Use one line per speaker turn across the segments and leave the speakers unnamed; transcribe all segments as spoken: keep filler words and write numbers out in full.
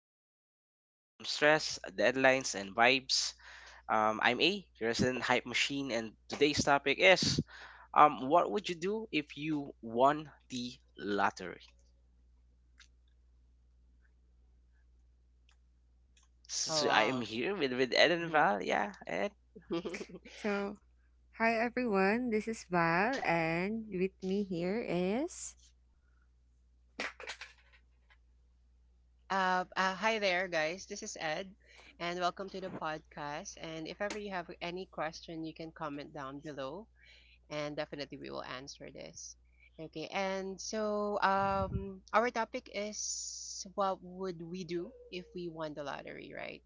Um, your weekly escape from stress, deadlines, and vibes. Um, I'm A, your resident hype machine, and today's topic is, um, what would you do if you won the lottery? So,
Oh
so I am
wow.
here with with Ed and
hmm
Val. Yeah, Ed.
So, hi everyone, this is Val, and with me here is.
Uh, uh, hi there, guys. This is Ed, and welcome to the podcast. And if ever you have any question, you can comment down below, and definitely we will answer this. Okay, and so um, our topic is what would we do if we won the lottery, right?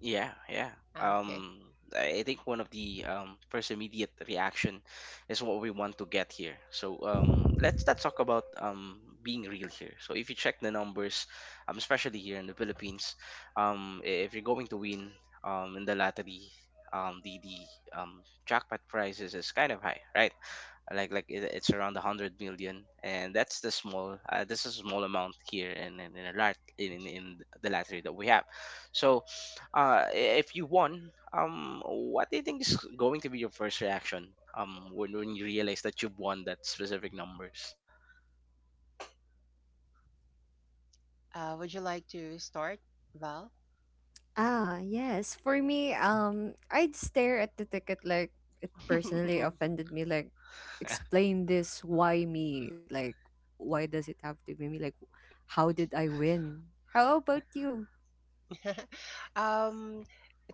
Yeah, yeah.
Ah, okay.
Um, I I think one of the um, first immediate reaction is what we want to get here. So um, let's not talk about um, being real here. So if you check the numbers, um, especially here in the Philippines, um, i- if you're going to win um, in the lottery, um, the the um, jackpot prizes is kind of high, right? like like it, it's around 100 million, and that's the small. Uh, this is a small amount here in in, in, a lat- in in in the lottery that we have. So uh i- if you won, um what do you think is going to be your first reaction um when, when you realize that you've won that specific numbers?
Uh, would you like to start, Val?
Ah, yes. For me, um, I'd stare at the ticket like it personally offended me. Like, explain this. Why me? Like, why does it have to be me? Like, how did I win? How about you?
Um,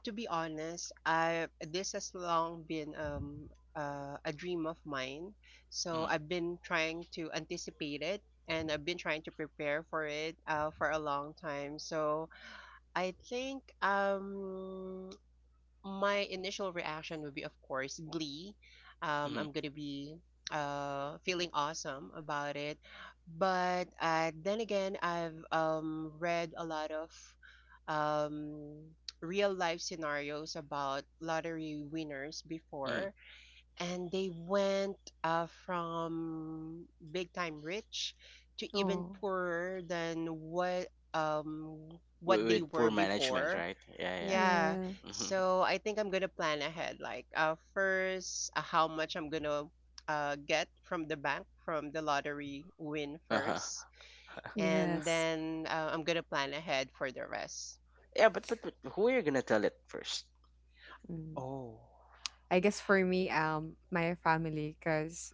to be honest, I this has long been um uh, a dream of mine. So
Mm.
I've been trying to anticipate it and I've been trying to prepare for it uh, for a long time. So I think um my initial reaction would be, of course, glee. Um, I'm
Mm.
gonna be uh feeling awesome about it, but uh, then again, I've um read a lot of um real life scenarios about lottery winners before,
Mm.
and they went uh from big time rich to
Oh,
even poorer than what um what
with,
they
with
were
poor management,
before,
right? Yeah, yeah.
yeah.
yeah,
Hmm.
So I think I'm gonna plan ahead. Like, uh, first, uh, how much I'm gonna uh get from the bank from the lottery win
Uh-huh.
first,
yes.
and then uh, I'm gonna plan ahead for the rest.
Yeah, but, but but who are you gonna tell it first?
Mm.
Oh.
I guess for me, um, my family, cause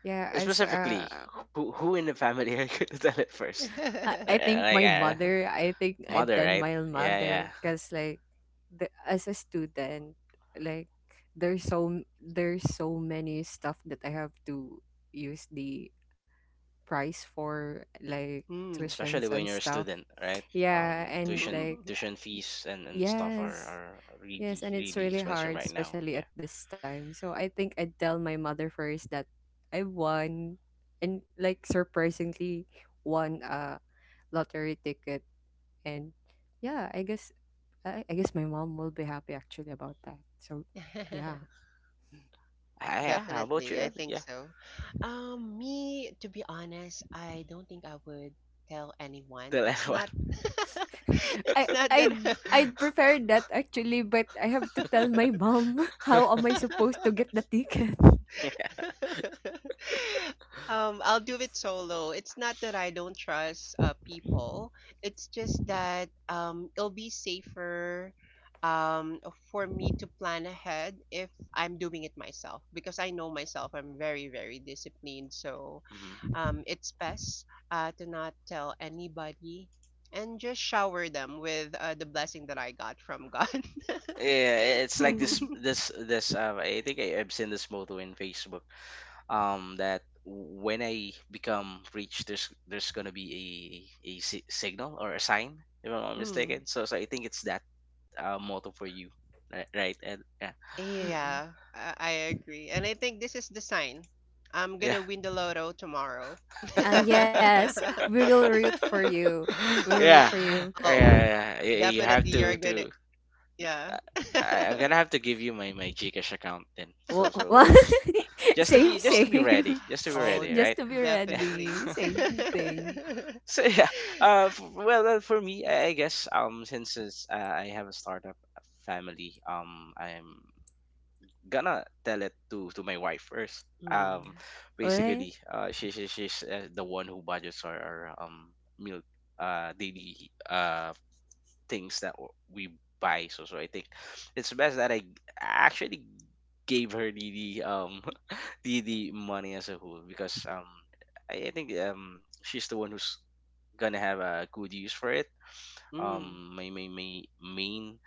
yeah, as uh
Specifically, who who in the family are you gonna tell it first?
I I
Uh,
think my
like, uh,
mother, I think I
Mother,
then
right?
my
Yeah,
mother,
yeah.
cause like, the, as a student, like there's so there's so many stuff that I have to use the price for, like
Mm.
Especially when
tuitions
you're a
and
student,
stuff.
right? Um,
Yeah, and
tuition
like
tuition
uh,
fees and, and stuff are,
yes,
are really
yes, and it's
really
really
expensive
hard,
right now.
especially
Yeah.
at this time. So I think I tell my mother first that I won, and like surprisingly won a lottery ticket and yeah, I guess I, I guess my mom will be happy actually about that. So yeah.
Ah, yeah. How about you,
Definitely, I
Ed?
think
Yeah.
so. Um, me, to be honest, I don't think I would tell anyone.
Tell
It's
everyone.
not, it's
I
not
I'd
that.
I'd prefer that actually, but I have to tell my mom how am I supposed to get the ticket.
Yeah.
Um, I'll do it solo. It's not that I don't trust uh, people. It's just that um, it'll be safer um, for me to plan ahead if I'm doing it myself because I know myself. I'm very, very disciplined. So
Hmm.
um, it's best uh, to not tell anybody and just shower them with uh, the blessing that I got from God.
Yeah. It's like this
Hmm.
this this. Uh, I think I, I've seen this motto in Facebook. Um, that when I become rich, there's there's gonna be a a si- signal or a sign, if I'm not
Mm.
mistaken. So so I think it's that uh motto for you, right? Right, Ed? Yeah.
Yeah,
Mm-mm.
I, I agree. And I think this is the sign. I'm
Yeah.
gonna win the lotto tomorrow.
Ah, yes, we will root for you. We will
Yeah,
root for you.
Oh,
yeah, yeah. y- You have
definitely you're
to
gonna
to.
yeah.
I, I- I'm gonna have to give you my my Gcash account then. So
Wha-
so
wha-
just to
same,
be just
Oh,
to be ready,
same.
just to be
oh,
ready,
Just
right?
to be
Yeah.
definitely.
ready. Same thing.
So yeah. Uh, f- well, uh, for me, I, I guess um since it's, uh, I have a startup family, um, I'm gonna tell it to to my wife first. Um,
Mm.
Okay?
basically, uh, she, she she's uh, the one who budgets our, our um meal uh daily uh things that w- we buy. So, so I think it's best that I actually gave her the, the um the the money as a whole, because um I, I think um she's the one who's gonna have a good use for it.
Mm.
Um, my my my main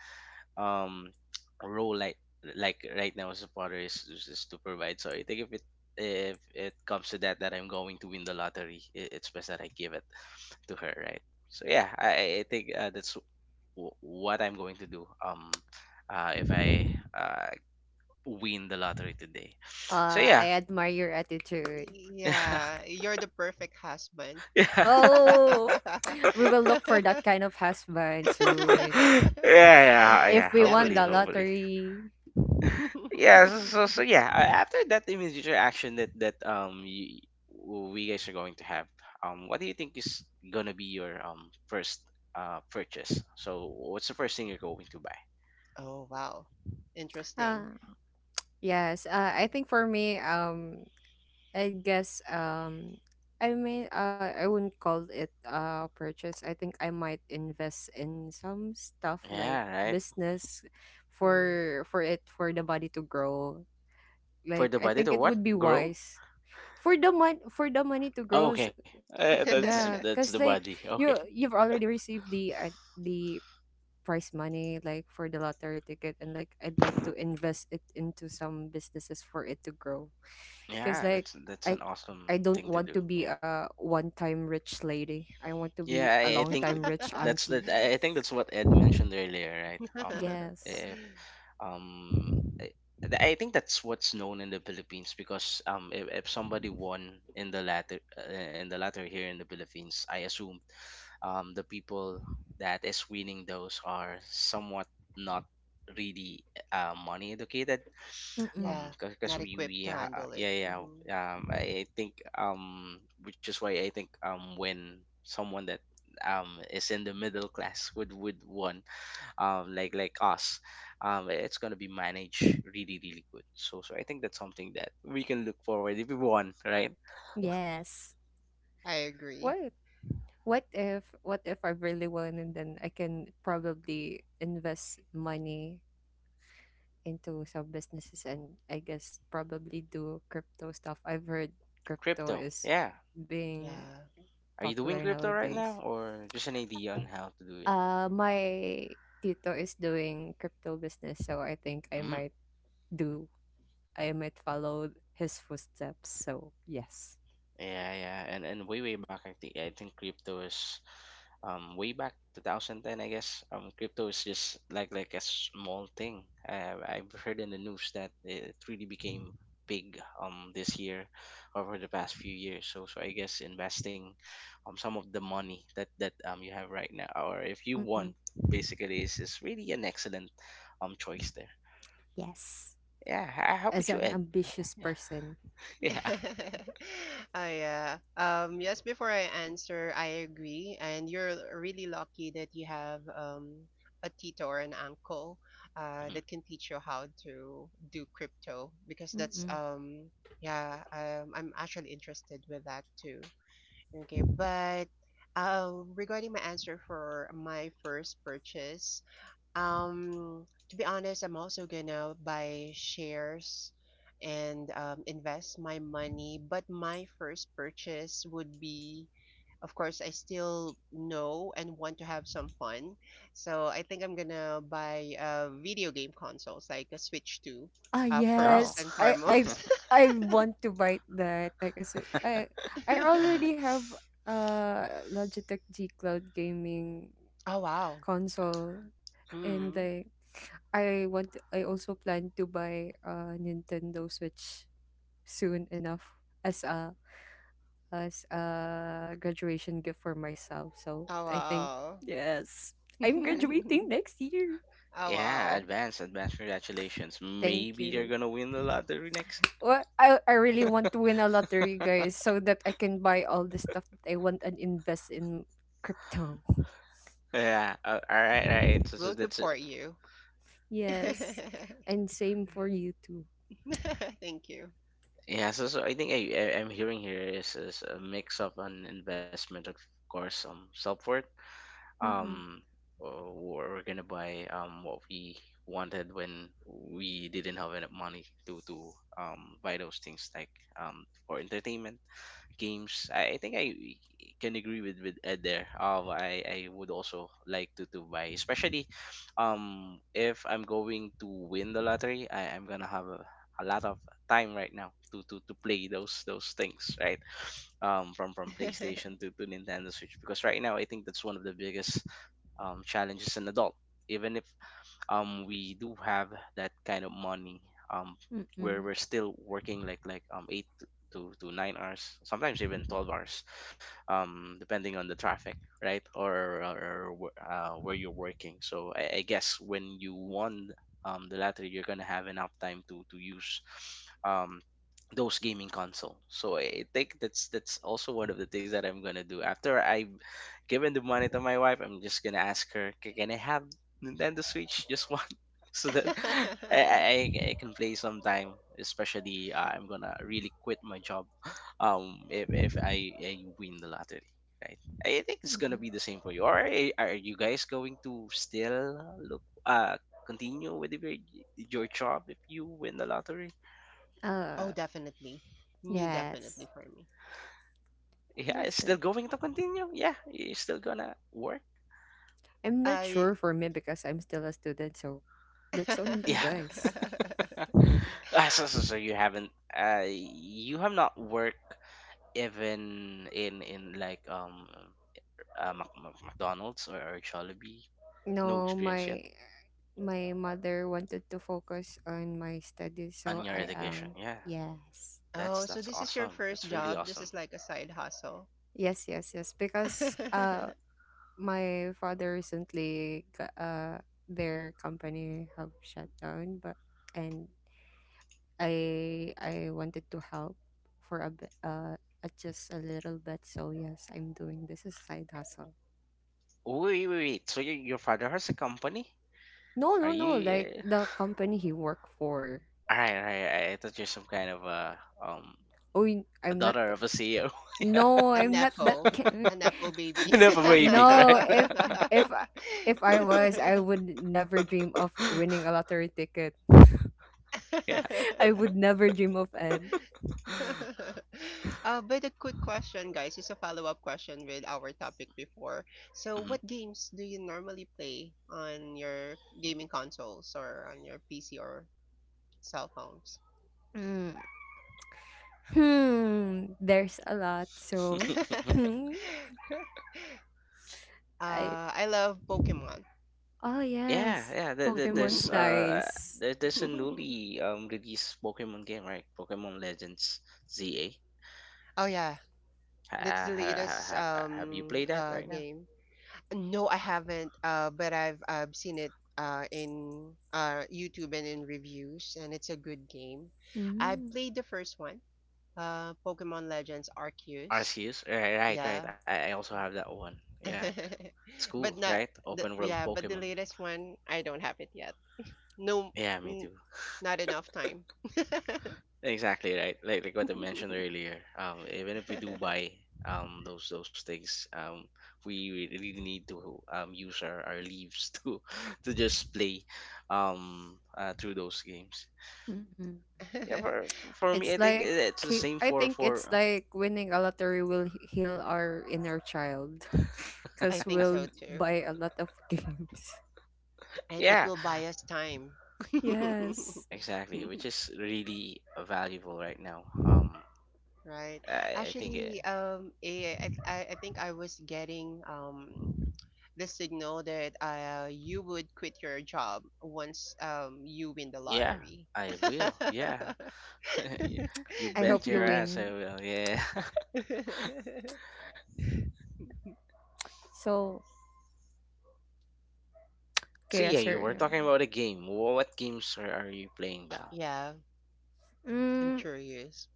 um role like like right now as a father is, is, is to provide. So I think if it if it comes to that that I'm going to win the lottery, i- it's best that I give it to her, right? So yeah, I, I I think uh, that's wh- what I'm going to do um uh if I uh win the lottery today. So yeah.
Uh, I admire your attitude.
Yeah.
Yeah, you're the perfect husband.
Oh! We will look for that kind of husband soon.
Yeah, yeah, yeah.
If we won
Hopefully,
the
Definitely.
hopefully.
lottery.
Yeah, so so, so yeah, a- after that immediate reaction that that um you, we guys are going to have. Um what do you think is going to be your um first uh purchase? So what's the first thing you're going to buy?
Oh, wow. Interesting.
Uh, yes, uh, I think for me, um, I guess, um, I mean, uh, I wouldn't call it a purchase. I think I might invest in some stuff like
Yeah, right.
business
Mm.
for for it for the body to grow.
For
Like
the
I
body
think
to
it
what?
would be
Grow?
wise for the mon for the money to
Oh,
grow s-
okay. Uh,
yeah
that's
because
that's
like
the body.
you
Okay.
you've already received the uh, the prize money like for the lottery ticket, and like I'd like to invest it into some businesses for it to grow, because
Yeah,
like
that's that's
i
an awesome
i don't
thing to
want
do.
to be
Yeah.
a one-time rich lady. I want to
Yeah,
be a
I, I think
long-time rich
that's
auntie.
that I I think that's what Ed mentioned earlier, right? Um,
Yes.
i- um I, th- I think that's what's known in the Philippines, because um if, if somebody won in the latter uh, in the latter here in the Philippines, I assume um the people that is winning those are somewhat not really eh, uh, money educated
Mm-mm.
um
Yeah,
because
not
we
equipped
we
to
ha-
handle it.
yeah,
hmm
yeah. um I think um which is why I think um when someone that um is in the middle class would would won, um, like like us, um, it's gonna be managed really really good. So so I think that's something that we can look forward if we want, right?
Yes.
I agree.
What what if what if I really won, and then I can probably invest money into some businesses, and I guess probably do crypto stuff. I've heard crypto
Crypto,
is
yeah.
being
Yeah.
Are you doing
popular
crypto right
nowadays.
now, or just an idea on how to do it?
Uh, my tito is doing crypto business, so I think I
Hmm.
might do. I might follow his footsteps. So yes.
Yeah, yeah, and and way way back, I think I think crypto is, um, way back two thousand ten, I guess. Um, crypto is just like like a small thing. Uh, I've heard in the news that it really became big um this year, over the past few years. So so I guess investing, um, some of the money that that um you have right now, or if you
Mm-mm.
won, basically is is really an excellent um choice there.
Yes,
Yeah, h- how
as
about you,
an
Ed?
ambitious person.
Yeah.
Oh yeah. Um, yes, before I answer, I agree. And you're really lucky that you have um a tito or an uncle uh
Mhm.
that can teach you how to do crypto because that's
Mm-mm.
um yeah, um I'm actually interested with that too. Okay, but um, regarding my answer for my first purchase, um, to be honest, I'm also gonna buy shares and um, invest my money. But my first purchase would be, of course, I still know and want to have some fun. So I think I'm gonna buy uh, video game consoles like a Switch two
Ah,
uh,
Oh.
first
yes.
and
I I
foremost.
I want to bite that. Like I said, I I already have uh Logitech G Cloud gaming
Oh, wow.
console, and
Mm.
like I want I also plan to buy a Nintendo Switch soon enough as a as a graduation gift for myself. So
Oh,
I think
wow.
yes, I'm graduating next year.
Oh
Yeah,
wow.
advance, advance. Congratulations.
Thank
Maybe you're
you.
gonna win the lottery next.
Well, I I really want to win a lottery, guys, so that I can buy all the stuff that I want and invest in crypto.
Yeah. Uh, all right. All right. So, so
We'll
that's it.
support you.
Yes, and same for you too.
Thank you.
Yeah. So, so I think I, I I'm hearing here is is a mix of an investment, of course, um, self worth.
Mm-mm,
Um, uh, we're we're gonna buy um what we wanted when we didn't have enough money to to um buy those things, like um for entertainment games. I, I think I can agree with with Ed there. Um, I I would also like to to buy, especially, um, if I'm going to win the lottery, I I'm gonna have a, a lot of time right now to to to play those those things, right? um, from from PlayStation to, to Nintendo Switch, because right now I think that's one of the biggest um, challenges an adult. Even if um we do have that kind of money um where
mm-mm,
we're still working like like um eight to to to nine hours, sometimes even twelve hours, um depending on the traffic, right, or, or, or wh- uh, where you're working. So I, I guess when you won um the lottery, you're gonna have enough time to to use um those gaming console. So I think that's that's also one of the things that I'm gonna do after I've given the money to my wife. I'm just gonna ask her, "K- Can I have Nintendo Switch, just one." So that I, I I can play sometime. Especially, uh, I'm gonna really quit my job, um, if if I, I win the lottery, right? I think it's gonna be the
mm-mm.
same for you. Or are, are you guys going to still look, uh, continue with your your job if you win the lottery?
Oh,
Uh,
definitely. Me
yes,
definitely for me.
Yeah, it's
yes,
still
sir.
going to continue. Yeah, you're still gonna work.
I'm not
I
sure for me because I'm still a student, so that's on
Yeah.
you guys.
Ah, so, so so you haven't, uh, you have not worked even in in like um uh, Mac- Mac- McDonald's or, or Jollibee, no
No,
experience yet
my my mother wanted to focus on my studies, so
on your
I
education.
am.
Yeah,
Yes.
that's
Oh, so
that's
this is your
awesome.
first
That's really
job. This
awesome.
is like a side hustle.
Yes, yes, yes. Because uh
A
my father recently g- uh their company have shut down, but and I I wanted to help for a bit, uh uh, just a little bit. So yes, I'm doing this as a side hustle.
Oh, wait, wait, wait. So your your father has a company?
No,
Are
no, no.
you?
Like
Uh...
the company he worked for.
All right, all right. I I thought you're some kind of a um
Oh, y-
a
I'm not.
daughter
th-
of a C E O,
No, I'm not that.
nepo.
Ki-
A nepo baby.
not a baby,
No,
right?
if if I- if I was, I would never dream of winning a lottery ticket.
Yeah.
I would never dream of it.
Uh, but a quick question, guys. It's a follow-up question with our topic before. So, what games do you normally play on your gaming consoles or on your P C or cell phones?
Mm. Hmm. There's a lot. So,
Mhm.
hmm. I.
uh, I love Pokemon.
Oh,
Yeah,
yes,
yeah. The, the,
Pokemon's
there's uh
nice.
there, there's a newly um released Pokemon game, right? Pokemon Legends Z A.
Oh yeah,
Ha,
that's the
ha, ha,
latest
ha, have you played
um
that right
uh
now?
game. No, I haven't. Uh, but I've I've seen it uh in uh YouTube and in reviews, and it's a good game. I
Mm-hmm.
played the first one, uh, Pokemon Legends Arceus.
Arceus, right, right, right.
Yeah,
I, I also have that one. Yeah, it's cool,
but
right?
not the
Open world
yeah, but the
Pokemon.
latest one I don't have it yet. No,
Yeah, me
n
too.
Not enough time.
Exactly right. Like like what I mentioned earlier. Um, even if we do buy um those those things, um, we re- really need to um use our, our leaves to to just play um uh, through those games.
Mm-hmm.
Yeah, for for me, I
It's
think
like
it's the
he-
same
I
for
think it's
for
like winning a lottery will he- heal our inner child
I
because
think so
we'll
too,
buy a lot of games.
and it
yeah,
will buy us time.
Yes.
exactly, which is really valuable right now. Um,
Right.
I, I think
Actually,
it,
um, eh, I, I, I think I was getting um the signal that uh you would quit your job once um you win the
yeah,
lottery.
I will. Yeah, Y- you
I hope
bet
you
your ass I
win.
will. Yeah.
So,
So
okay,
yeah, you
sir.
were talking about a game. Wha- What games are, are you playing, Val?
Yeah, I'm
Mm,
curious.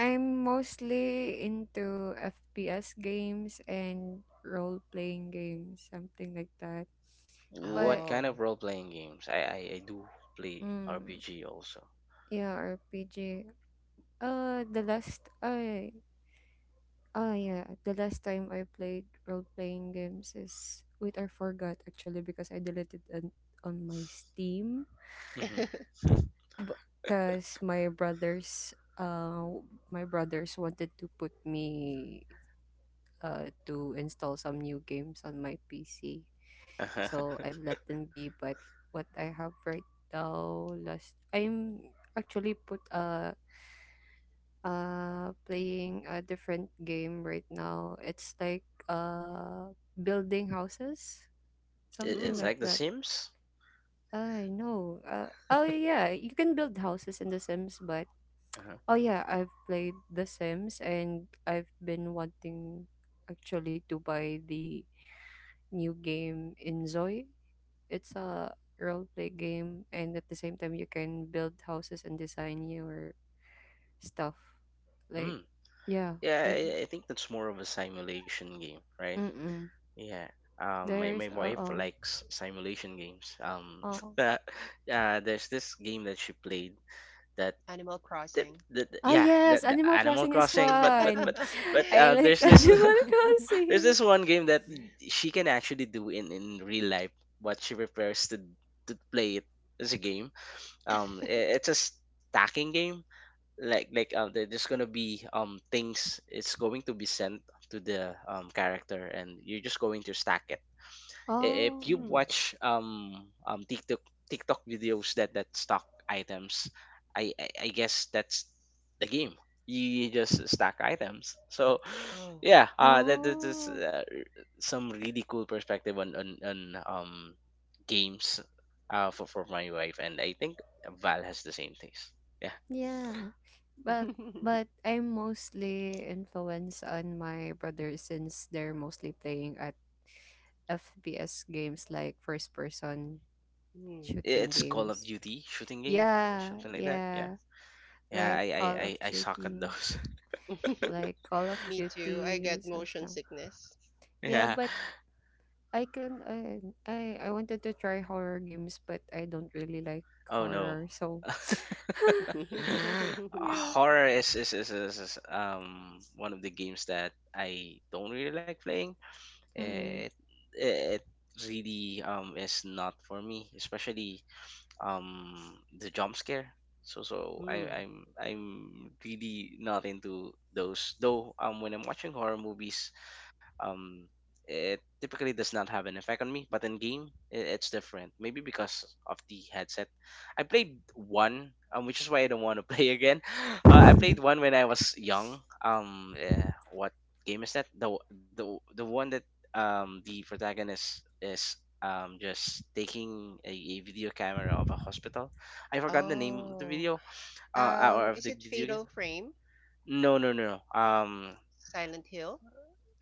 I'm mostly into F P S games and role playing games, something like that.
What
But
kind of
Oh.
role playing games? I I, I do play
mm,
R P G also.
yeah, R P G. Uh, the last I Oh yeah, the last time I played role-playing games is, wait, I forgot actually because I deleted it on my Steam
Mm-hmm.
because my brothers uh my brothers wanted to put me uh to install some new games on my P C. So
Uh-huh.
I've let them be, but what I have right now last I'm actually put uh uh playing a different game right now. It's like uh building houses,
It,
something
it's
Mm,
like
like The
that.
Sims.
I know. Uh, oh yeah, you can build houses in The Sims, but
Uh-huh.
oh yeah, I've played The Sims and I've been wanting actually to buy the new game in. It's a role play game, and at the same time you can build houses and design your stuff. Like
Hmm.
yeah,
Yeah,
I've.
I, I think that's more of a simulation game, right?
Mm-mm.
Yeah. Um, my,
There's
my
uh
wife
oh
likes simulation games. Um,
oh
uh, uh, there's this game that she played that
Animal
the,
Crossing.
the, the-
ah,
yeah, the,
yes,
the
Animal
Animal
Crossing is
Crossing, but but
fun.
but but
I
uh,
like
there's this
Animal
there's this
Crossing.
one game that she can actually do in in real life, but she prefers to to play it as a game. Um, i- it's a stacking game. Like like uh, there- there's gonna be um things. It's going to be sent to the um character, and you're just going to stack it. I- if
Oh,
you
Mm,
watch um um TikTok TikTok videos that that stock items, I I, I guess that's the game. You, you just stack items. So
oh.
yeah, uh, that that is
oh,
uh, some really cool perspective on on, on um games uh for, for my wife, and I think Val has the same taste. Yeah,
yeah. But but I'm mostly influenced on my brother since they're mostly playing at F P S games like first person
Mm.
I-
shooting
it's Call of
games.
Duty shooting game,
Yeah,
something like that. Yeah,
yeah.
yeah, I
Like
I
Call
I,
of
I suck at
Duty.
those.
Like Call of
Me too. I
Duty,
get
some
motion
stuff.
sickness.
Yeah,
Yeah.
but I can I I I wanted to try horror games, but I don't really like
Oh no.
horror, so
Uh,
yeah.
horror is is, is is is um one of the games that I don't really like playing.
Mm-mm.
It it really um is not for me, especially um the jump scare. So so I
Hmm.
I'm I'm really not into those. Though um when I'm watching horror movies, um it typically does not have an effect on me, but in game i- it's different, maybe because of the headset. I played one, um, which is why I don't want to play again. uh, I played one when I was young. Um eh, what game is that the, w- the w- the one that um the protagonist is um just taking a, a video camera of a hospital. I forgot the name of the
Oh,
video uh uh, or
um,
of
is
the
it
video game.
Fatal Frame?
No, no, no, no. um
Silent Hill?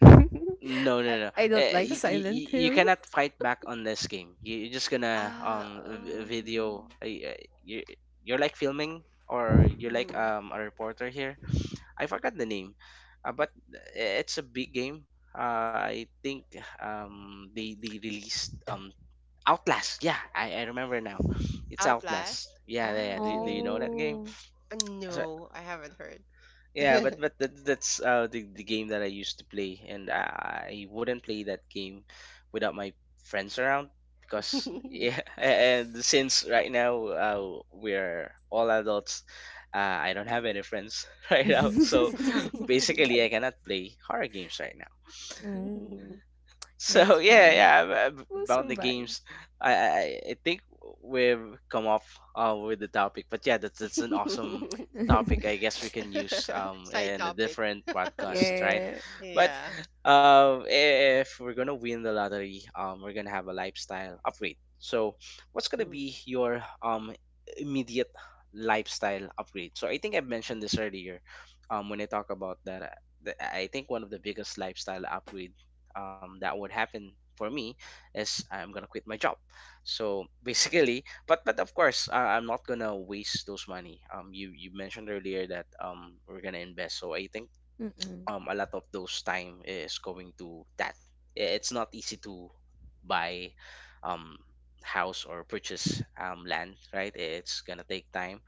No,
I
no, no.
I don't
Eh,
like Silent
y- you
Hill.
cannot fight back on this game. You- You're just gonna
Ah,
um v- video.
um.
Uh, you you're like filming, or you're like
Mhm.
um a reporter here. I forgot the name, uh, but eh, it's a big game. Uh, I think um they they released um Outlast. Yeah, I, I remember now. It's
Outlast?
Outlast. Yeah, yeah,
Ah,
yeah. Do, do you
okay.
know that game?
Oh.
Uh,
So
no, I haven't heard.
yeah, but but that, that's uh, the the game that I used to play, and I, I wouldn't play that game without my friends around because yeah, and since right now uh, we're all adults, uh, I don't have any friends right now, so basically I cannot play horror games right now.
mm,
So
that's
yeah,
fine.
yeah, ab- ab-
We'll
about the
survive.
games, I I, I think we've come up uh, with the topic. But yeah, that's that's an awesome topic. I guess we can use um
Side
in a
topic.
different podcast, right?
yeah.
But
Yeah.
um, if we're gonna win the lottery, um, we're gonna have a lifestyle upgrade. So what's gonna
Mm.
be your um immediate lifestyle upgrade? So I think I mentioned this earlier, um, when I talk about that. uh, the- I think one of the biggest lifestyle upgrades um, that would happen for me is I'm gonna quit my job. So basically, but but of course, uh, I'm not gonna waste those money. Um, you you mentioned earlier that um we're gonna invest, so I think
Mm-mm.
um a lot of those time is going to that. I- It's not easy to buy um house or purchase um land, right? It's gonna take time.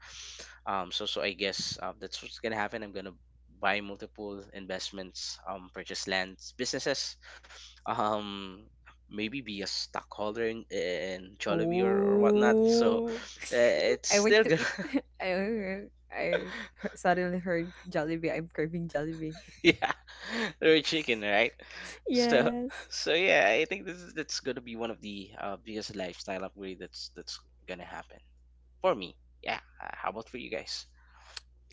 Um, so so I guess uh, that's what's gonna happen. I'm gonna buy multiple investments, um, purchase lands, businesses, um, maybe be a stockholder in, in Jollibee or, or whatnot. So
Oh.
uh, it's
I want
still
to
gonna,
eat. I I he- suddenly heard Jollibee. I'm craving Jollibee.
yeah, they're chicken, right? So,
Yes.
so yeah, I think this is that's gonna be one of the uh, biggest lifestyle upgrade that's that's gonna happen for me. Yeah. Uh, how about for you guys?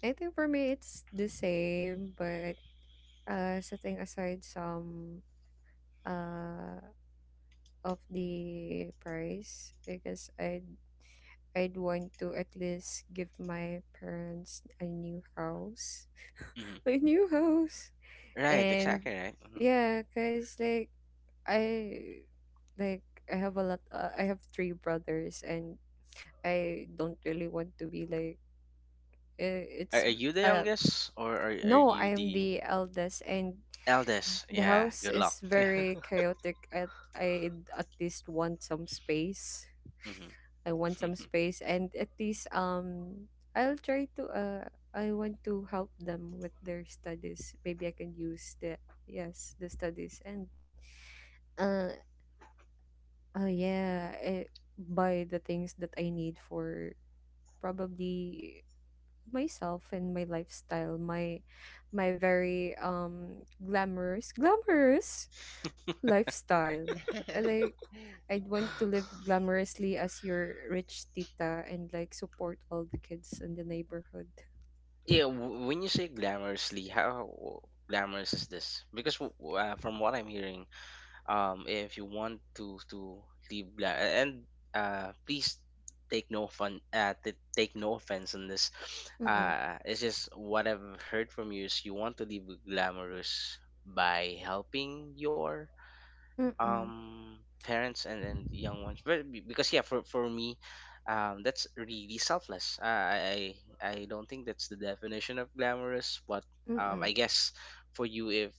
I think for me it's the same, but uh, setting aside some uh of the price, I guess I'd I'd want to at least give my parents a new house,
Hmm.
a new house,
Right.
and
Exactly. Right. Mhm.
yeah, cause like I like I have a lot. Uh, I have three brothers, and I don't really want to be like, uh,
Are, y- are
it's,
are you the
uh
youngest, or are are
no, I
you
am
the
the eldest, and
eldest?
the
Yeah.
house
Good luck.
is very chaotic. I I at least want some space.
Hmm.
I want some space, and at least, um, I'll try to, uh, I want to help them with their studies. Maybe I can use the, yes, the studies and uh oh yeah, eh, buy the things that I need for probably myself and my lifestyle, my my very um glamorous glamorous lifestyle. Uh, like, I'd want to live glamorously as your rich tita and like support all the kids in the neighborhood.
Yeah. W- when you say glamorously, how glamorous is this? Because w- w- uh, from what I'm hearing, um if you want to to leave bla- and uh please take no fun uh t- take no offense on this.
Mm-mm.
Uh it's just what I've heard from you is you want to live glamorous by helping your
Mm-mm.
um parents and and young ones, but be- because yeah, for for me, um that's really selfless. uh, i i I don't think that's the definition of glamorous, but um I
Mm-mm.
guess for you, if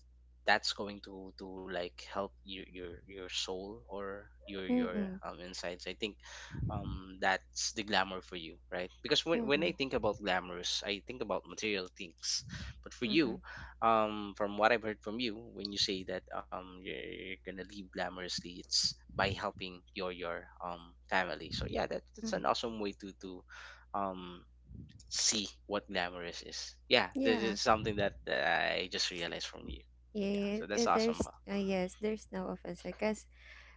that's going to to like help your your your soul or your your
Mm-mm.
um insides, I think um that's the glamour for you, right? Because when, when I
Mm-mm.
think about glamorous, I think about material things, but for you,
Mm-mm.
um from what I've heard from you, when you say that um you're, you're gonna leave glamorously, it's by helping your your um family. So yeah, that, that's an
Mm-mm.
awesome way to to um see what glamorous is. Yeah, that
Yeah.
is something that uh, I just realized from you. Yeah,
Yeah,
so
yeah,
that's
uh, there's,
awesome, Mel.
uh, yes, there's no offense. I guess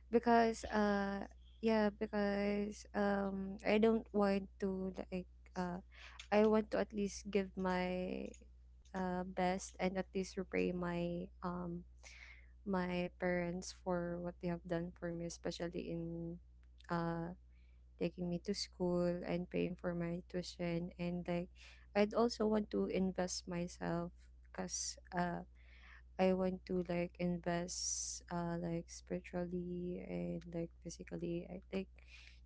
because uh yeah, because um I don't want to like, uh I want to at least give my uh best and at least repay my um my parents for what they have done for me, especially in uh taking me to school and paying for my tuition, and like I'd also want to invest myself because I want to like invest uh like spiritually and like physically. I like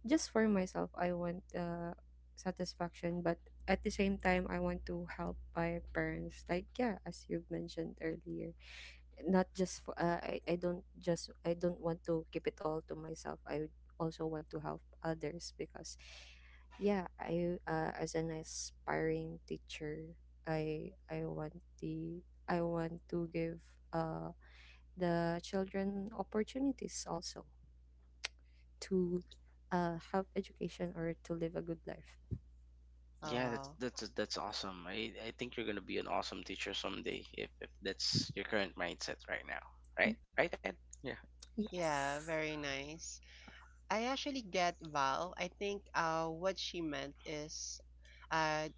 just for myself I want uh satisfaction, but at the same time I want to help my parents. Like yeah, as you've mentioned earlier, not just for uh, I, I don't just i don't want to keep it all to myself. I also want to help others because yeah, I uh, as an aspiring teacher, i i want the i want to give uh the children opportunities also to uh have education or to live a good life.
Oh,
Yeah, that's
wow.
that's that's awesome. i i think you're gonna be an awesome teacher someday if if that's your current mindset right now, right?
Mm,
Right, Ed? Yeah.
Yeah,
yes.
very nice. I actually get Val. I think uh, what she meant is uh,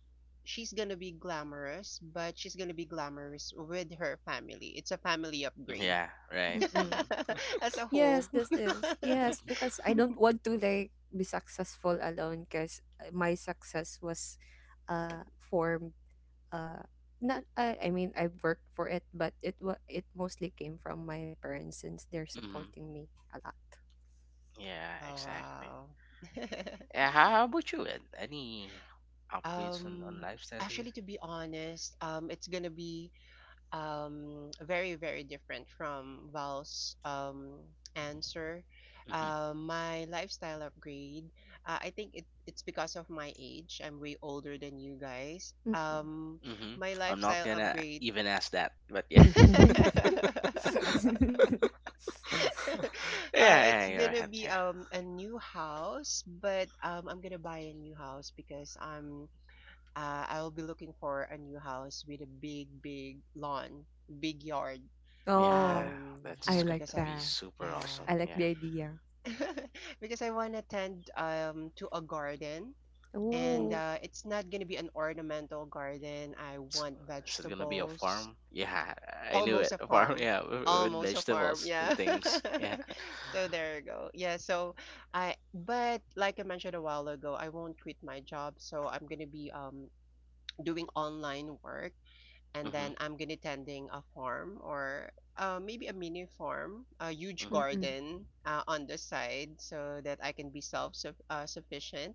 she's gonna be glamorous, but she's gonna be glamorous with her family. It's a family upgrade
Yeah, right.
Mm-mm.
Mm-hmm.
as a
Yes,
whole.
this is. Yes, because I don't want to like be successful alone because my success was uh formed, uh not, I, I mean I worked for it, but it wa it mostly came from my parents since they're
Mm-hmm.
supporting me a lot.
Yeah,
Oh
exactly.
wow.
Uh, how about you, Ed? Any upgrades on,
um
on lifestyle here?
Actually, to be honest, um it's gonna be um, very, very different from Val's um, answer.
Hmm.
Uh, my lifestyle upgrade, uh, I think it, it's because of my age. I'm way older than you guys.
Mm-mm.
Um,
Hmm.
my
I'm not
lifestyle
gonna
upgrade.
even ask that, but yeah.
Uh,
Yeah, yeah,
it's
you're
gonna
ahead.
be
Yeah,
um a new house, but um I'm gonna buy a new house because I'm uh I'll be looking for a new house with a big big lawn, big yard.
yeah,
oh,
Um,
I
that's
yeah,
like
just gonna
because
be
I
that.
super
I
awesome.
like
yeah.
the
Yeah.
idea.
Because I want to tend um to a garden
Hmm.
and
Oh.
uh it's not going to be an ornamental garden. I want
Is it gonna be a
vegetables.
farm? Yeah, I knew
Almost
it.
a
A farm,
farm.
yeah, with, with
Almost a farm.
vegetables and
Yeah.
things. Yeah.
So there you go. Yeah, so I but like I mentioned a while ago, I won't quit my job, so I'm going to be um doing online work and
Hmm.
then I'm gonna tending a farm or uh, maybe a mini farm, a huge
Hmm.
Mm-mm.
garden uh, on the side so that I can be self suf- uh, sufficient,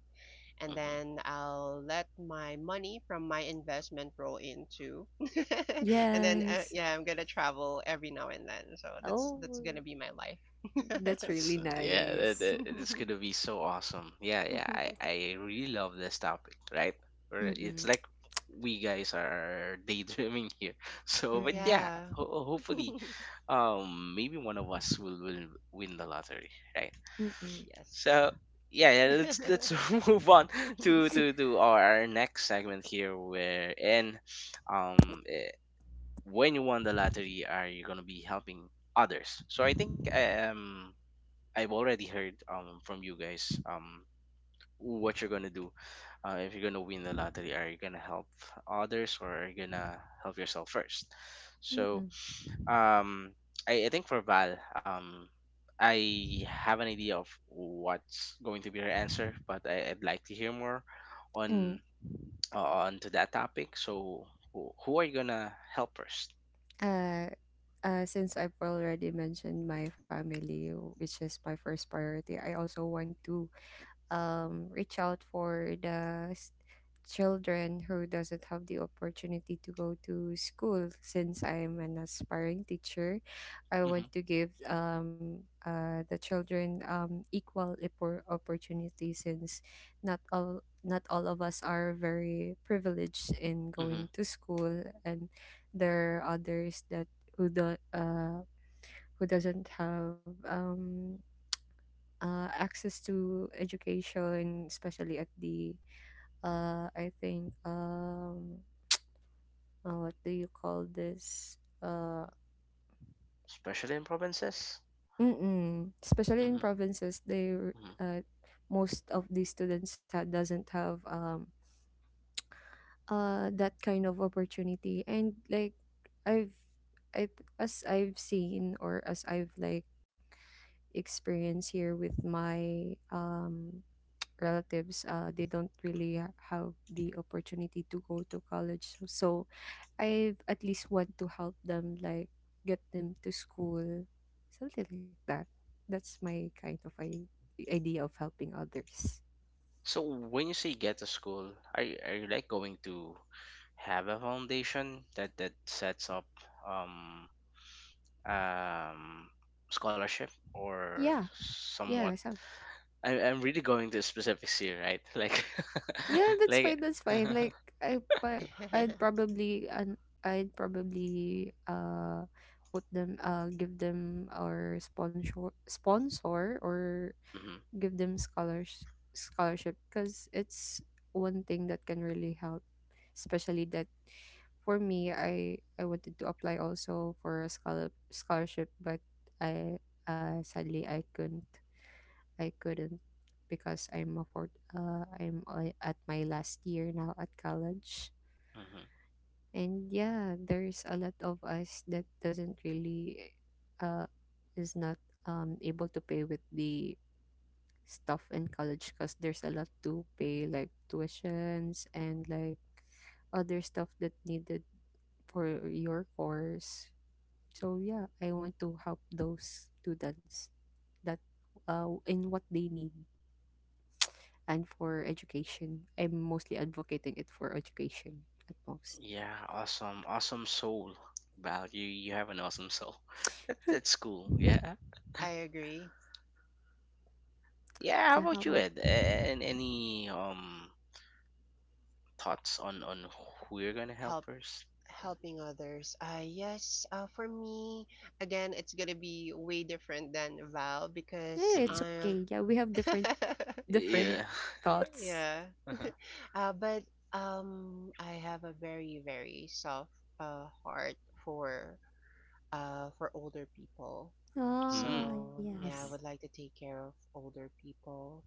and
Hmm.
then I'll let my money from my investment roll in too, and then uh,
Yes.
yeah, I'm gonna travel every now and then, so that's that's
Oh,
gonna be my
that's
life.
really
That's uh, yeah, that,
nice.
that- it's gonna be so awesome. Yeah, yeah, I I really love this topic, right? We're- It's
Mm-mm,
like we guys are daydreaming here. So,
Oh
but
mm-mm,
yeah,
yeah,
ho- hopefully, um, maybe one of us will will win the lottery, right?
mm-mm,
yes.
So yeah, yeah, let's let's move on to to to our, our next segment here, where in um eh, when you won the lottery, are you gonna be helping others? So I think I um I've already heard um from you guys um what you're gonna do uh, if you're gonna win the lottery. Are you gonna help others, or are you gonna help yourself first? So
mm-mm.
um I, I think for Val, um I have an idea of what's going to be her answer, but I, I'd like to hear more
Mm.
on uh, on to that topic. So who, who are you gonna help first?
Uh, uh, since I've already mentioned my family, which is my first priority, I also want to, um, reach out for the s- children who doesn't have the opportunity to go to school, since I'm an aspiring teacher. I want
Mm-hmm.
to give, um, uh, the children um, equal oppor- opportunity since not all not all of us are very privileged in
Mm-hmm.
going to school, and there are others that who do, uh, who doesn't have um uh, access to education, especially at the, uh, I think, um, uh, what do you call this? Uh,
Especially in provinces.
mm-mm. Especially in
Mm-hmm.
provinces, they r- uh, most of the students ha- doesn't have um, uh, that kind of opportunity, and like I've I th- as I've seen or as I've like experienced here with my um relatives, uh, they don't really ha- have the opportunity to go to college, so, so i at least want to help them, like get them to school, something like that. That's my kind of I- idea of helping others.
So when you say get to school, are you, are you like going to have a foundation that that sets up um um scholarship or
Yeah. yeah
somewhat?
so
I, I'm really going to specifics here, right? Like
yeah, that's
like.
fine, that's fine. Like I pa- I'd probably and I'd probably uh put them, uh give them our sponsor sponsor or
Hmm.
give them scholars scholarship, because it's one thing that can really help, especially that. For me, i i wanted to apply also for a scholar, scholarship, but I, uh, sadly I couldn't I Couldn't, because I'm a fourth, uh, I'm, uh, at my last year now at college.
Hmm.
And yeah, there's a lot of us that doesn't really, uh is not um able to pay with the stuff in college, because there's a lot to pay, like tuitions and like other stuff that needed for your course. So yeah, I want to help those students that uh, in what they need and for education. I'm mostly advocating it for education at most.
Yeah, awesome, awesome soul. Val, you you have an awesome soul. That that's cool. Yeah,
I agree.
yeah. How
Yeah, how
about you,
about.
Ed? A- And any um thoughts on on who you're gonna help
Help
first?
Helping others. Uh, yes, uh, for me, again, it's gonna be way different than Val
Yeah,
because
Mm-hmm.
it's
Mm-hmm.
okay.
I'm,
Yeah, we have different different
Yeah.
thoughts.
yeah.
Uh-huh.
Uh, but um, I have a very, very soft uh heart for uh for older people.
Mm.
Ah,
So
yes.
yeah, I
Mm-hmm.
would like to take care of older people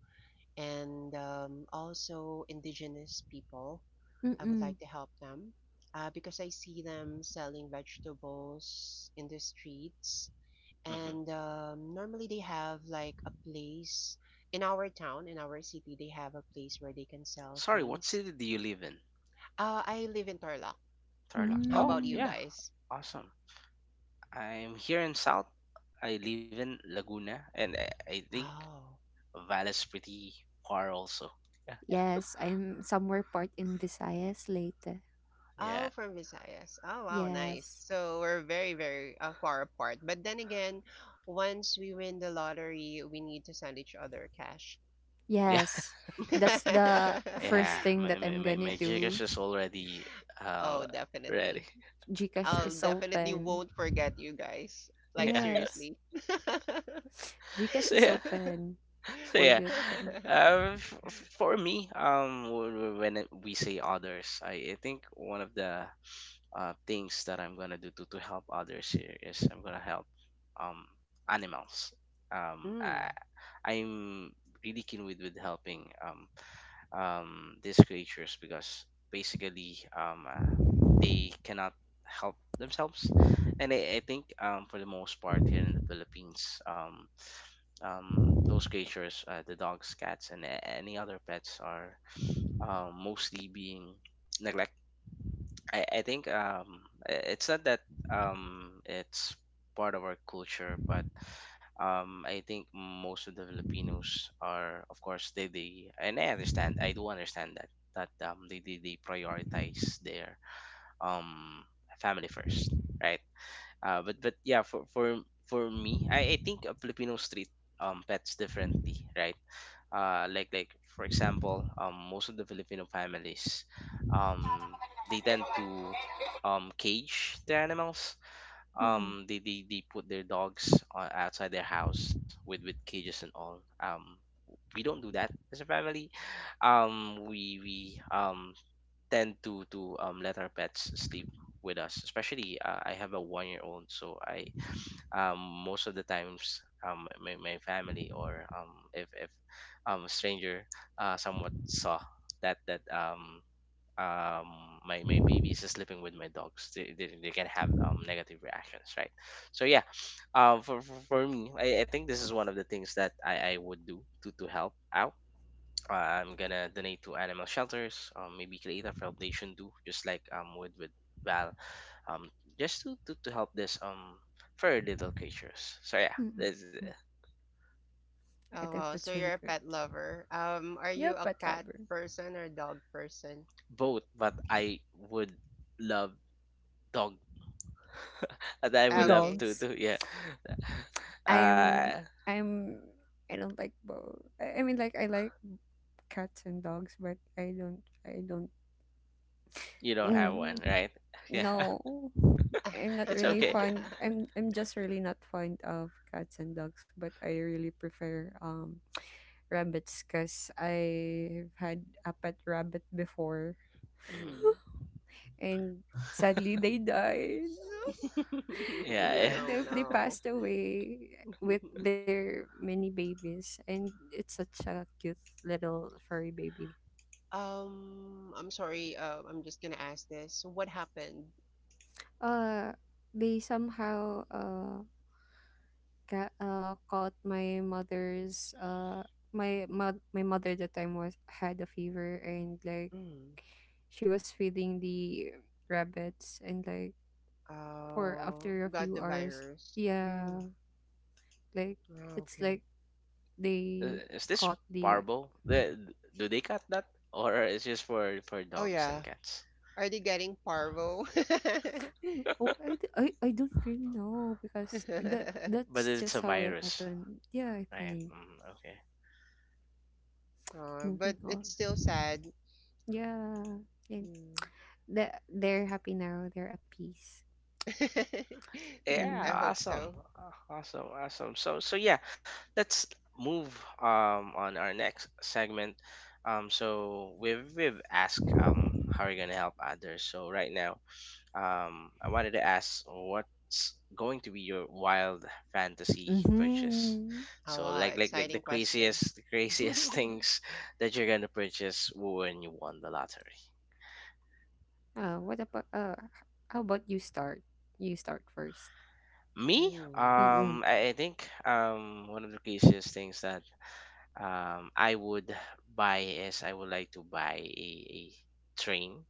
and um, also indigenous people I would
Mm-mm.
like to help them uh, because I see them selling vegetables in the streets.
Mm-hmm.
And um, normally they have like a place in our town, in our city, they have a place where they can sell
Sorry, what
things.
city do you live in?
Uh, I live in Tarlac.
Tarlac.
How
Oh,
about you
Mm.
yeah.
guys?
Awesome. I'm here in South. I live in Laguna, and I, I think
Oh,
Valle's pretty far also. Yeah.
Yes, I'm somewhere part in Visayas later.
Yeah.
oh, from Visayas. Oh, wow, nice.
Yes.
So we're very, very uh, far apart. But then again, once we win the lottery, we need to send each other cash.
Yeah.
Yes. That's the
Yeah.
first thing
My
that
my
I'm
my,
gonna
my jig is
do.
just already uh
Oh,
ready.
definitely.
Gcash
I'll
is
definitely
open.
won't forget you guys. Like
Yeah.
Yes.
seriously.
Gcash
So
is
yeah.
open
So
for
yeah,
that. uh,
uh, f- f- for me, um, w- w- when it- we say others, I, I think one of the uh, things that I'm gonna do to, to help others here is I'm gonna help um animals. Um, I,
Mm.
I'm really keen with with helping um um these creatures because basically um uh, they cannot help themselves, and I, I think um for the most part, here in the Philippines, um um, those creatures, uh, the dogs, cats, and a- any other pets, are um, mostly being neglect. I, I think um, i- it's not that um, it's part of our culture, but um, I think most of the Filipinos are, of course, they, they and I understand, I do understand that that um, they, they, they prioritize their um, family first, right? Uh, but but yeah, for for for me, I, I think uh, Filipinos treat um pets differently, right? uh, like like for example, um, most of the Filipino families, um, they tend to um, cage their animals.
Mm-mm.
Um, they, they, they put their dogs on, outside their house with, with cages and all. Um, we don't do that as a family. Um, we we um tend to to um, let our pets sleep with us, especially uh, I have a one year old, so I um, most of the times um, my, my family, or um, if, if um, a stranger uh, somewhat saw that that um, um, my, my baby is sleeping with my dogs, they, they, they can have um, negative reactions, right? So yeah, um, for, for, for me, I, I think this is one of the things that I, I would do to, to help out. uh, I'm gonna donate to animal shelters, um, maybe create a foundation too, just like um with with Val, um, just to to, to help this um furry little creatures. So yeah,
Mm-mm.
there's uh,
I think
Oh
that's
wow,
really
so
good.
you're a pet lover. Um,
Yeah,
are you
pet
a
lover.
cat person or dog person?
both, but I would love dog. And I would
Ah,
love
okay.
to
Dogs.
to yeah.
I'm
Uh,
I'm I don't like both. I, I mean, like, I like cats and dogs, but I don't I don't.
you don't have one,
Mm,
right? Yeah,
no, I'm not
it's
really
okay.
fond. I'm I'm just really not fond of cats and dogs, but I really prefer um rabbits, because I've had a pet rabbit before.
Mhm.
Mhm.
And sadly, they died.
Yeah. Yeah.
No,
Oh
they, they
no.
passed away with their many babies, and it's such a cute little furry baby.
Um, I'm sorry. Uh, I'm just gonna ask this. What happened?
Uh, they somehow uh ca- uh, caught my mother's uh my mo- my mother at the time was had a fever, and like
Mm.
she was feeding the rabbits, and like for
Oh,
after a
got
few
the
hours,
virus. Mm.
yeah, like
Ah,
it's like
okay.
Uh,
they
is this
caught the—
parbo? The- Do they cut that, or is just for for
Oh
dogs
yeah.
and cats?
Are they getting parvo?
Hmm, oh, I, d- I, I don't really know,
Uh,
because that
But
that's
it's
just
a
how it
virus,
happened. Yeah, I
right?
think
Mm, okay.
moving
but
on.
it's still sad.
Yeah. And
Mm.
the, they're happy now, they're at peace.
I
Yeah,
Mm.
hope
awesome.
so.
Uh, Awesome, awesome. So so yeah, let's move um on our next segment. Um so we've we've asked um how are you gonna help others. So right now, um I wanted to ask what's going to be your wild fantasy purchase.
Mhm.
Oh
So
wow,
like like like the
exciting question.
craziest the craziest things that you're gonna purchase when you won the lottery.
Oh, what about, uh h- how about you start? You start first.
Me,
Hmm.
Mm-mm.
um, I, I think um one of the craziest things that um I would buy is I would like to buy a, a train.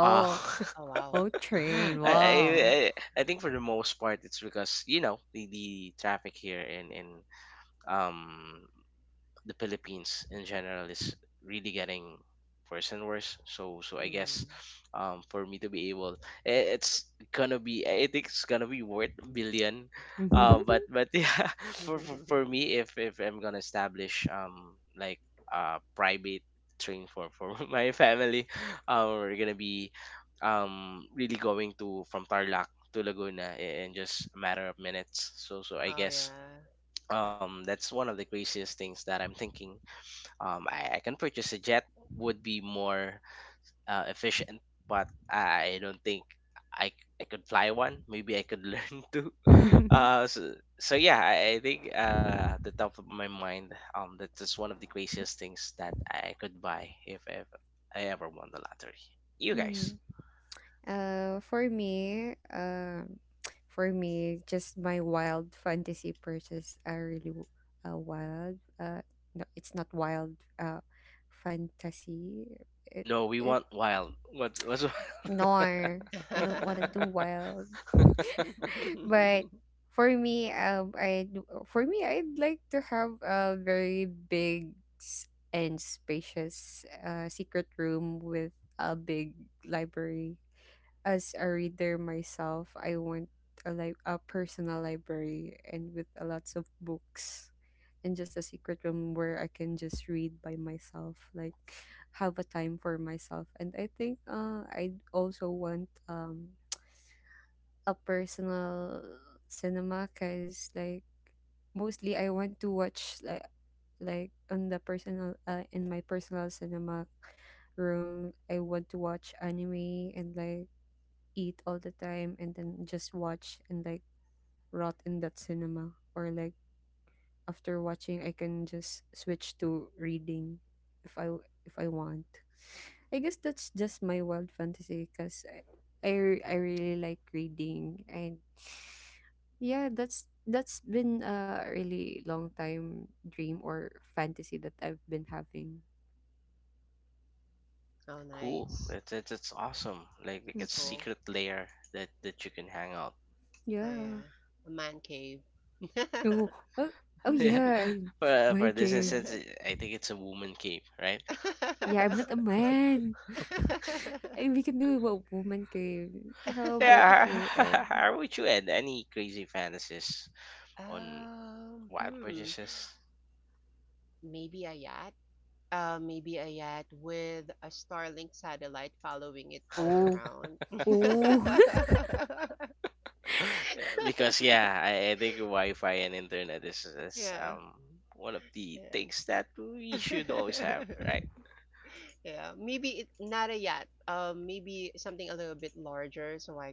Uh,
Oh wow.
oh, train.
I, I
Wow.
I I think for the most part it's because you know the, the traffic here in in um the Philippines in general is really getting worse and worse. So so I guess
Hmm.
um for me to be able i- it's gonna be I think it's gonna be worth billion. Uh, but but yeah for, for for me if if I'm gonna establish um like a private train for for my family uh, we're gonna be um really going to from Tarlac to Laguna i- in just a matter of minutes. So so I
Oh
guess
yeah.
um that's one of the craziest things that I'm thinking. Um, I, I can purchase a jet would be more uh, efficient, but I I don't think I, I could fly one. Maybe I could learn to. Uh, so, so yeah, I, I think uh, at the top of my mind, um, that's just one of the craziest things that I could buy if, ever I ever won the lottery. You guys.
Mm. Uh, for me, um for me, just my wild fantasy purses are really w- uh, wild. Uh, no, it's not wild, uh fantasy. It,
No, we
it
want wild. What what's wild?
nor I don't want to do wild. But for me, um, I for me, I'd like to have a very big s- and spacious uh secret room with a big library. As a reader myself, I want a li- a personal library and with a lots of books, and just a secret room where I can just read by myself, like have a time for myself. And I think, uh, I also want um a personal cinema, because like, mostly I want to watch, like like on the personal uh, in my personal cinema room, I want to watch anime and like eat all the time and then just watch and like rot in that cinema, or like after watching I can just switch to reading, if I if I want. I guess that's just my wild fantasy, because I, I re- I really like reading. And yeah, that's that's been a really long time dream or fantasy that I've been having.
Oh
Cool.
nice.
That's, that's that's awesome. Like like
It's
a
Mm-mm.
cool.
secret layer that that you can hang out.
Oh
Yeah.
yeah. A man cave.
Oh, oh, oh
Yeah.
yeah, I—
For, for
mind
this
cave.
instance, it- I think it's a woman cave, right?
Yeah, I'm not a man. I, we can do what woman can. How about
Yeah.
you, Ed?
How would you add any crazy fantasies on
Um,
wild
hmm.
purchases?
Maybe a yacht. Uh, maybe a yacht with a Starlink satellite following it all
Oh,
around.
oh.
Yeah, because yeah, I, I think Wi-Fi and internet is, is
Yeah,
um one of the things
yeah.
that we should always have, right?
Yeah, maybe it not a yacht. Um, maybe something a little bit larger so I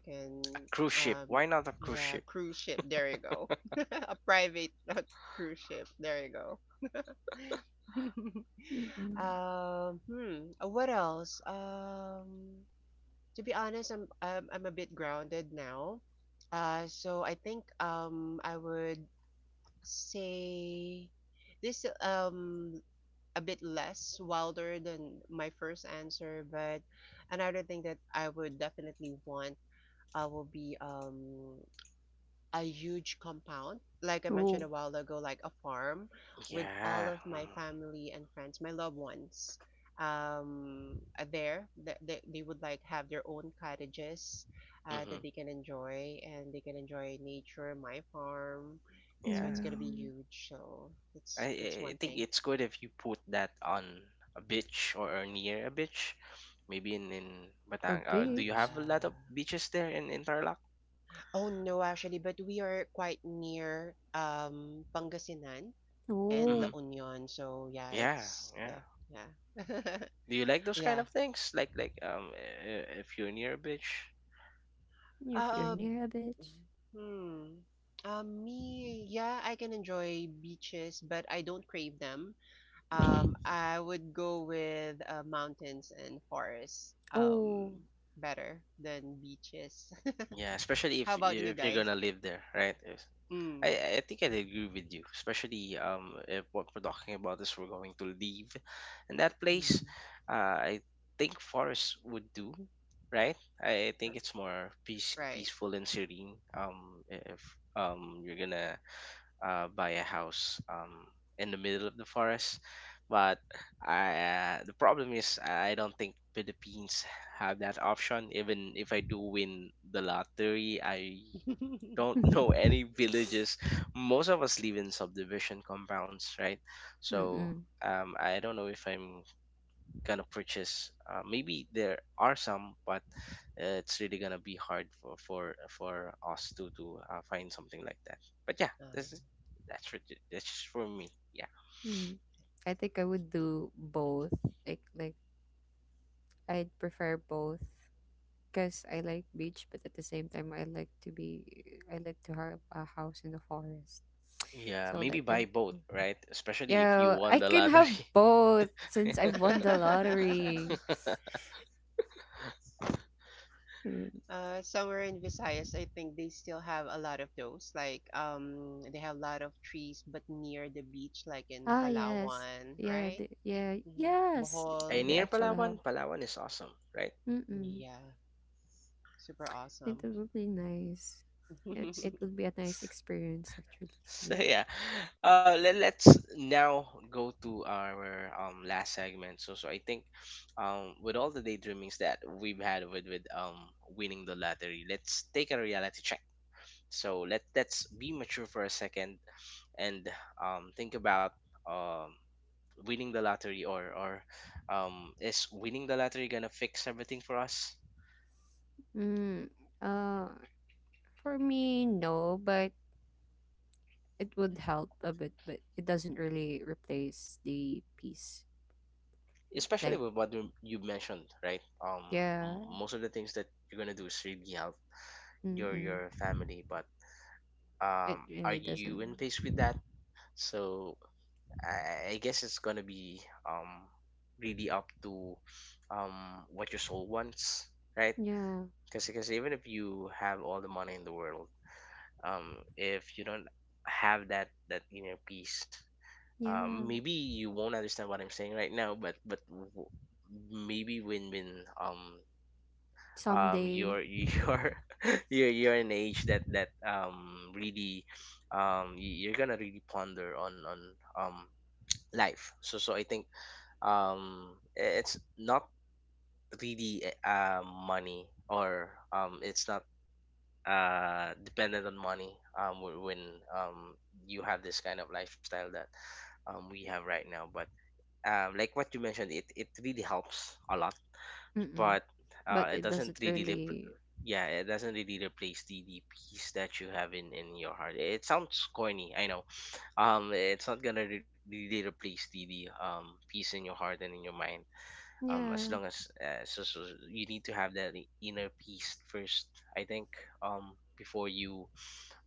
A
can
cruise ship.
um
Why not a cruise
yeah,
ship?
cruise ship. There you go. A private uh, cruise ship. There you go.
Mm-mm.
Um, hmm, uh, what else? Um, to be honest, I'm I'm, I'm a bit grounded now. Uh, so I think um I would say this um a bit less wilder than my first answer, but another thing that I would definitely want uh will be um a huge compound, like I mentioned
Oh.
a while ago, like a farm with
Yeah.
all of my family and friends, my loved ones, um, are there. That they, they would like have their own cottages
Mm-hmm.
uh,
Mm-hmm.
that they can enjoy and they can enjoy nature, my farm. So it's
Yeah.
gonna be
Mm.
huge. So
I, I
that's that's
I
one
think
thing.
it's good if you put that on a beach or near a beach, maybe in in
A
Batang. Uh,
Oh
do you
bitch.
have a lot of
yeah.
beaches there in in Tarlac?
Oh no, actually, but we are quite near um Pangasinan and
Mm-hmm.
La
Oh,
Union. So yeah,
Yeah,
it's
yeah.
uh, yeah.
Do you like those kind
Yeah.
of things? Like like um, i- i- if you're near a beach.
if you're
Uh,
near a bitch.
hmm. Um, me, yeah, I can enjoy beaches, but I don't crave them.
Mm-hmm.
Um, I would go with uh, mountains and forests, um,
Oh.
better than beaches.
Yeah, especially
How
if
about
you-
you
if you're
guys?
gonna live there, right? If,
Mm.
I, I think I'd agree with you, especially um, if what we're talking about is we're going to leave in that place.
Mm.
Uh, I think forest would do, right? I, I
R-
think it's more peace,
Right.
peaceful and serene. Um, if um, you're gonna uh, buy a house um, in the middle of the forest, but I, uh, the problem is I don't think Philippines have that option. Even if I do win the lottery, I don't
Mm-mm.
know any villages. Most of us live in subdivision compounds, right? So
Mm.
um, I don't know if I'm gonna purchase. Uh, maybe there are some, but uh, it's really gonna be hard for for for us to to uh, find something like that. But yeah,
Oh,
this is that's for, that's just for me. Yeah,
I think I would do both. Like, like I'd prefer both, because I like beach, but at the same time, I like to be, I like to have a house in the forest.
yeah.
So
Maybe
like I,
buy both, right? Especially if you
yeah,
won
I
the
can have
lottery.
both since I won the
yeah.
lottery. Mm.
Uh, somewhere in Visayas, I think they still have a lot of those. Like, um, they have a lot of trees, but near the beach, like in
Ah, yes,
Palawan,
yeah,
right?
the, yeah,
hmm
yes,
Ay,
uh,
Bohol.
they
near
actually have.
Palawan. Palawan is awesome, right?
Mm-mm.
Yeah, super
It
awesome.
would be nice. It it would be a nice experience actually. So
So
yeah.
yeah, uh, let, let's now go to our um last segment. So so I think, um, with all the daydreamings that we've had with with um winning the lottery, let's take a reality check. So let let's be mature for a second and um think about um winning the lottery or or um is winning the lottery gonna fix everything for us?
Mm. Uh, for me, no, but it would help a bit, but it doesn't really replace the peace. Like,
Especially with what you you mentioned, right? Um
yeah,
m- most of the things that you're gonna do is really help your
mm-mm,
your family, but
it
um
really
are
doesn't.
you in pace with that? so i, I guess it's gonna be um really up to um what your soul wants, right?
Yeah,
Because because even if you have all the money in the world, um if you don't have that that inner peace, um,
yeah,
maybe you won't understand what I'm saying right now, but but w- maybe when when um um
someday,
you're you're you're you're in an age that that um really um y- you're gonna really ponder on on um life. So so I think um i- it's not really uh money, or um it's not uh dependent on money um wh- when um you have this kind of lifestyle that um we have right now, but um, like what you mentioned, it it really helps a lot,
mm-mm,
but
but
uh, it
it
doesn't
doesn't
really rep-
really.
yeah, it doesn't really replace the, the peace that you have in, in your heart. It sounds corny, I know. Um, it's not gonna re- really replace the, the um peace in your heart and in your mind. Um, as
Yeah,
long as uh, so, so you need to have that i- inner peace first, I think. Um, before you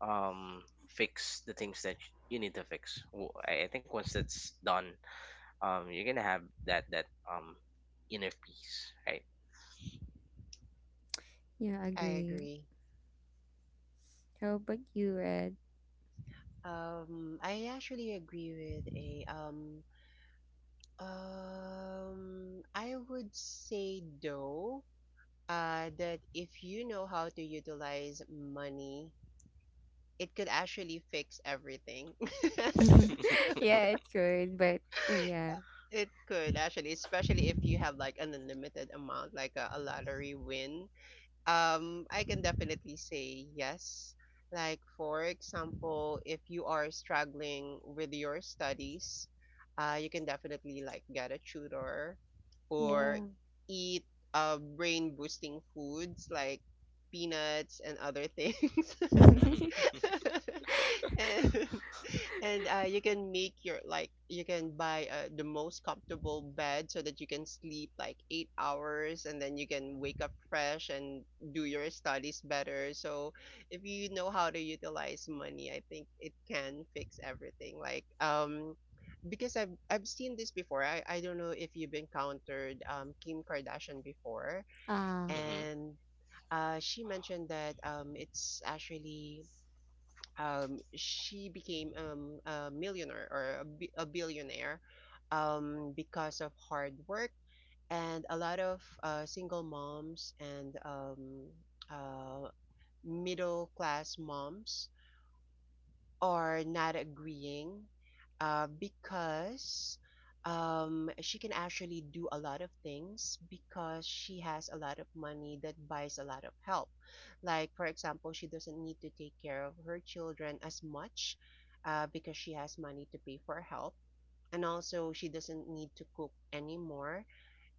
um fix the things that you need to fix. W- I I think once that's done, um you're gonna have that that um inner peace, right?
yeah,
I
agree.
agree.
How about you, Red?
Um, I actually agree with a um um I would say though uh that if you know how to utilize money, it could actually fix everything.
Yeah, it could, but uh, yeah,
Uh, it could actually, especially if you have like an unlimited amount, like a, a lottery win. Um, I can definitely say yes. Like for example, if you are struggling with your studies, uh, you can definitely like get a tutor or
yeah.
eat uh brain boosting foods like peanuts and other things. And and uh, you can make your like you can buy uh, the most comfortable bed so that you can sleep like eight hours and then you can wake up fresh and do your studies better. So if you know how to utilize money, I think it can fix everything. Like um because I've I've seen this before. I I don't know if you've encountered um Kim Kardashian before
Ah,
Hmm,
and. Uh, she mentioned that um, it's actually um, she became um, a millionaire or a, bi- a billionaire um, because of hard work and a lot of uh, single moms and um, uh, middle class moms are not agreeing uh, because um, she can actually do a lot of things because she has a lot of money that buys a lot of help. Like, for example, she doesn't need to take care of her children as much uh, because she has money to pay for help. And also, she doesn't need to cook anymore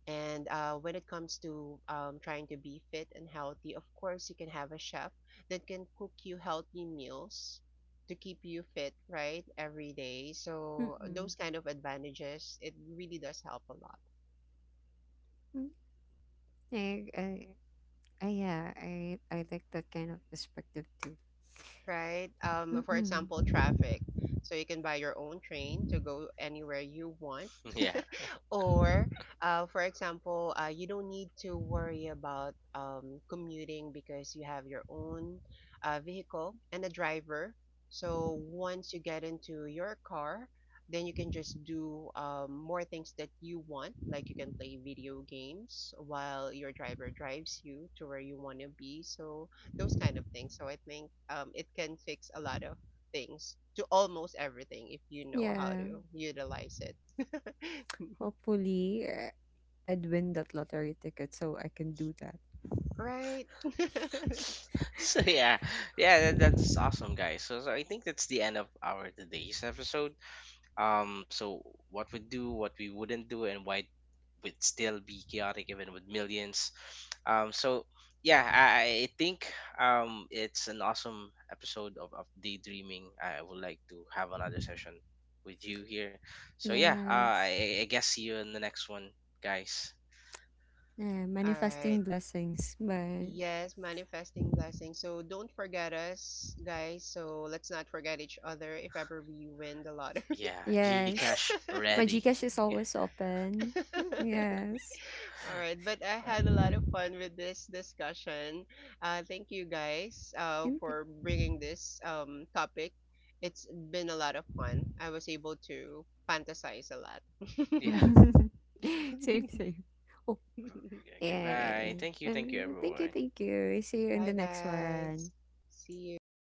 and uh, when it comes to um, trying to be fit and healthy, of course, you can have a chef that can cook you healthy meals to keep you fit, right, every day. So
mm-mm.
those kind of advantages, it really does help a lot.
Mm, I, I, I, yeah, I, I like that kind of perspective too.
Right? Um, for
Mm-mm.
example, traffic. So you can buy your own train to go anywhere you want.
yeah.
Or, uh, for example, uh, you don't need to worry about um, commuting because you have your own uh, vehicle and a driver. So once you get into your car, then you can just do um, more things that you want. Like you can play video games while your driver drives you to where you want to be. So those kind of things. So I think um, it can fix a lot of things to almost everything if you know how
Yeah,
to utilize it.
hopefully, uh, I'd win that lottery ticket so I can do that.
Right?
So yeah, yeah, that, that's awesome, guys. So, so i think that's the end of our today's episode. um so what we do, what we wouldn't do, and why would still be chaotic even with millions. um so yeah, i, I think um it's an awesome episode of, of daydreaming. I would like to have another session with you here. So yeah, uh,
Yes.
I, I guess see you in the next one, guys.
Yeah,
All right.
manifesting blessings. But
Yes, manifesting blessings. So don't forget us, guys. So let's not forget each other if ever we win the lottery.
Yeah, Gcash
yes, my
ready.
Gcash is
Yeah,
always open. Mm, yes.
All right, but I
uh,
had a lot of fun with this discussion. Uh, thank you guys uh,
Hindi.
for bringing this um, topic. It's been a lot of fun. I was able to fantasize a lot.
yeah.
Same, same. Oh,
Yeah,
yeah, yeah,
goodbye.
yeah.
Thank you, thank you
Um, thank you,
everyone.
thank you. See you in the
Bye,
next
guys.
one.
See you.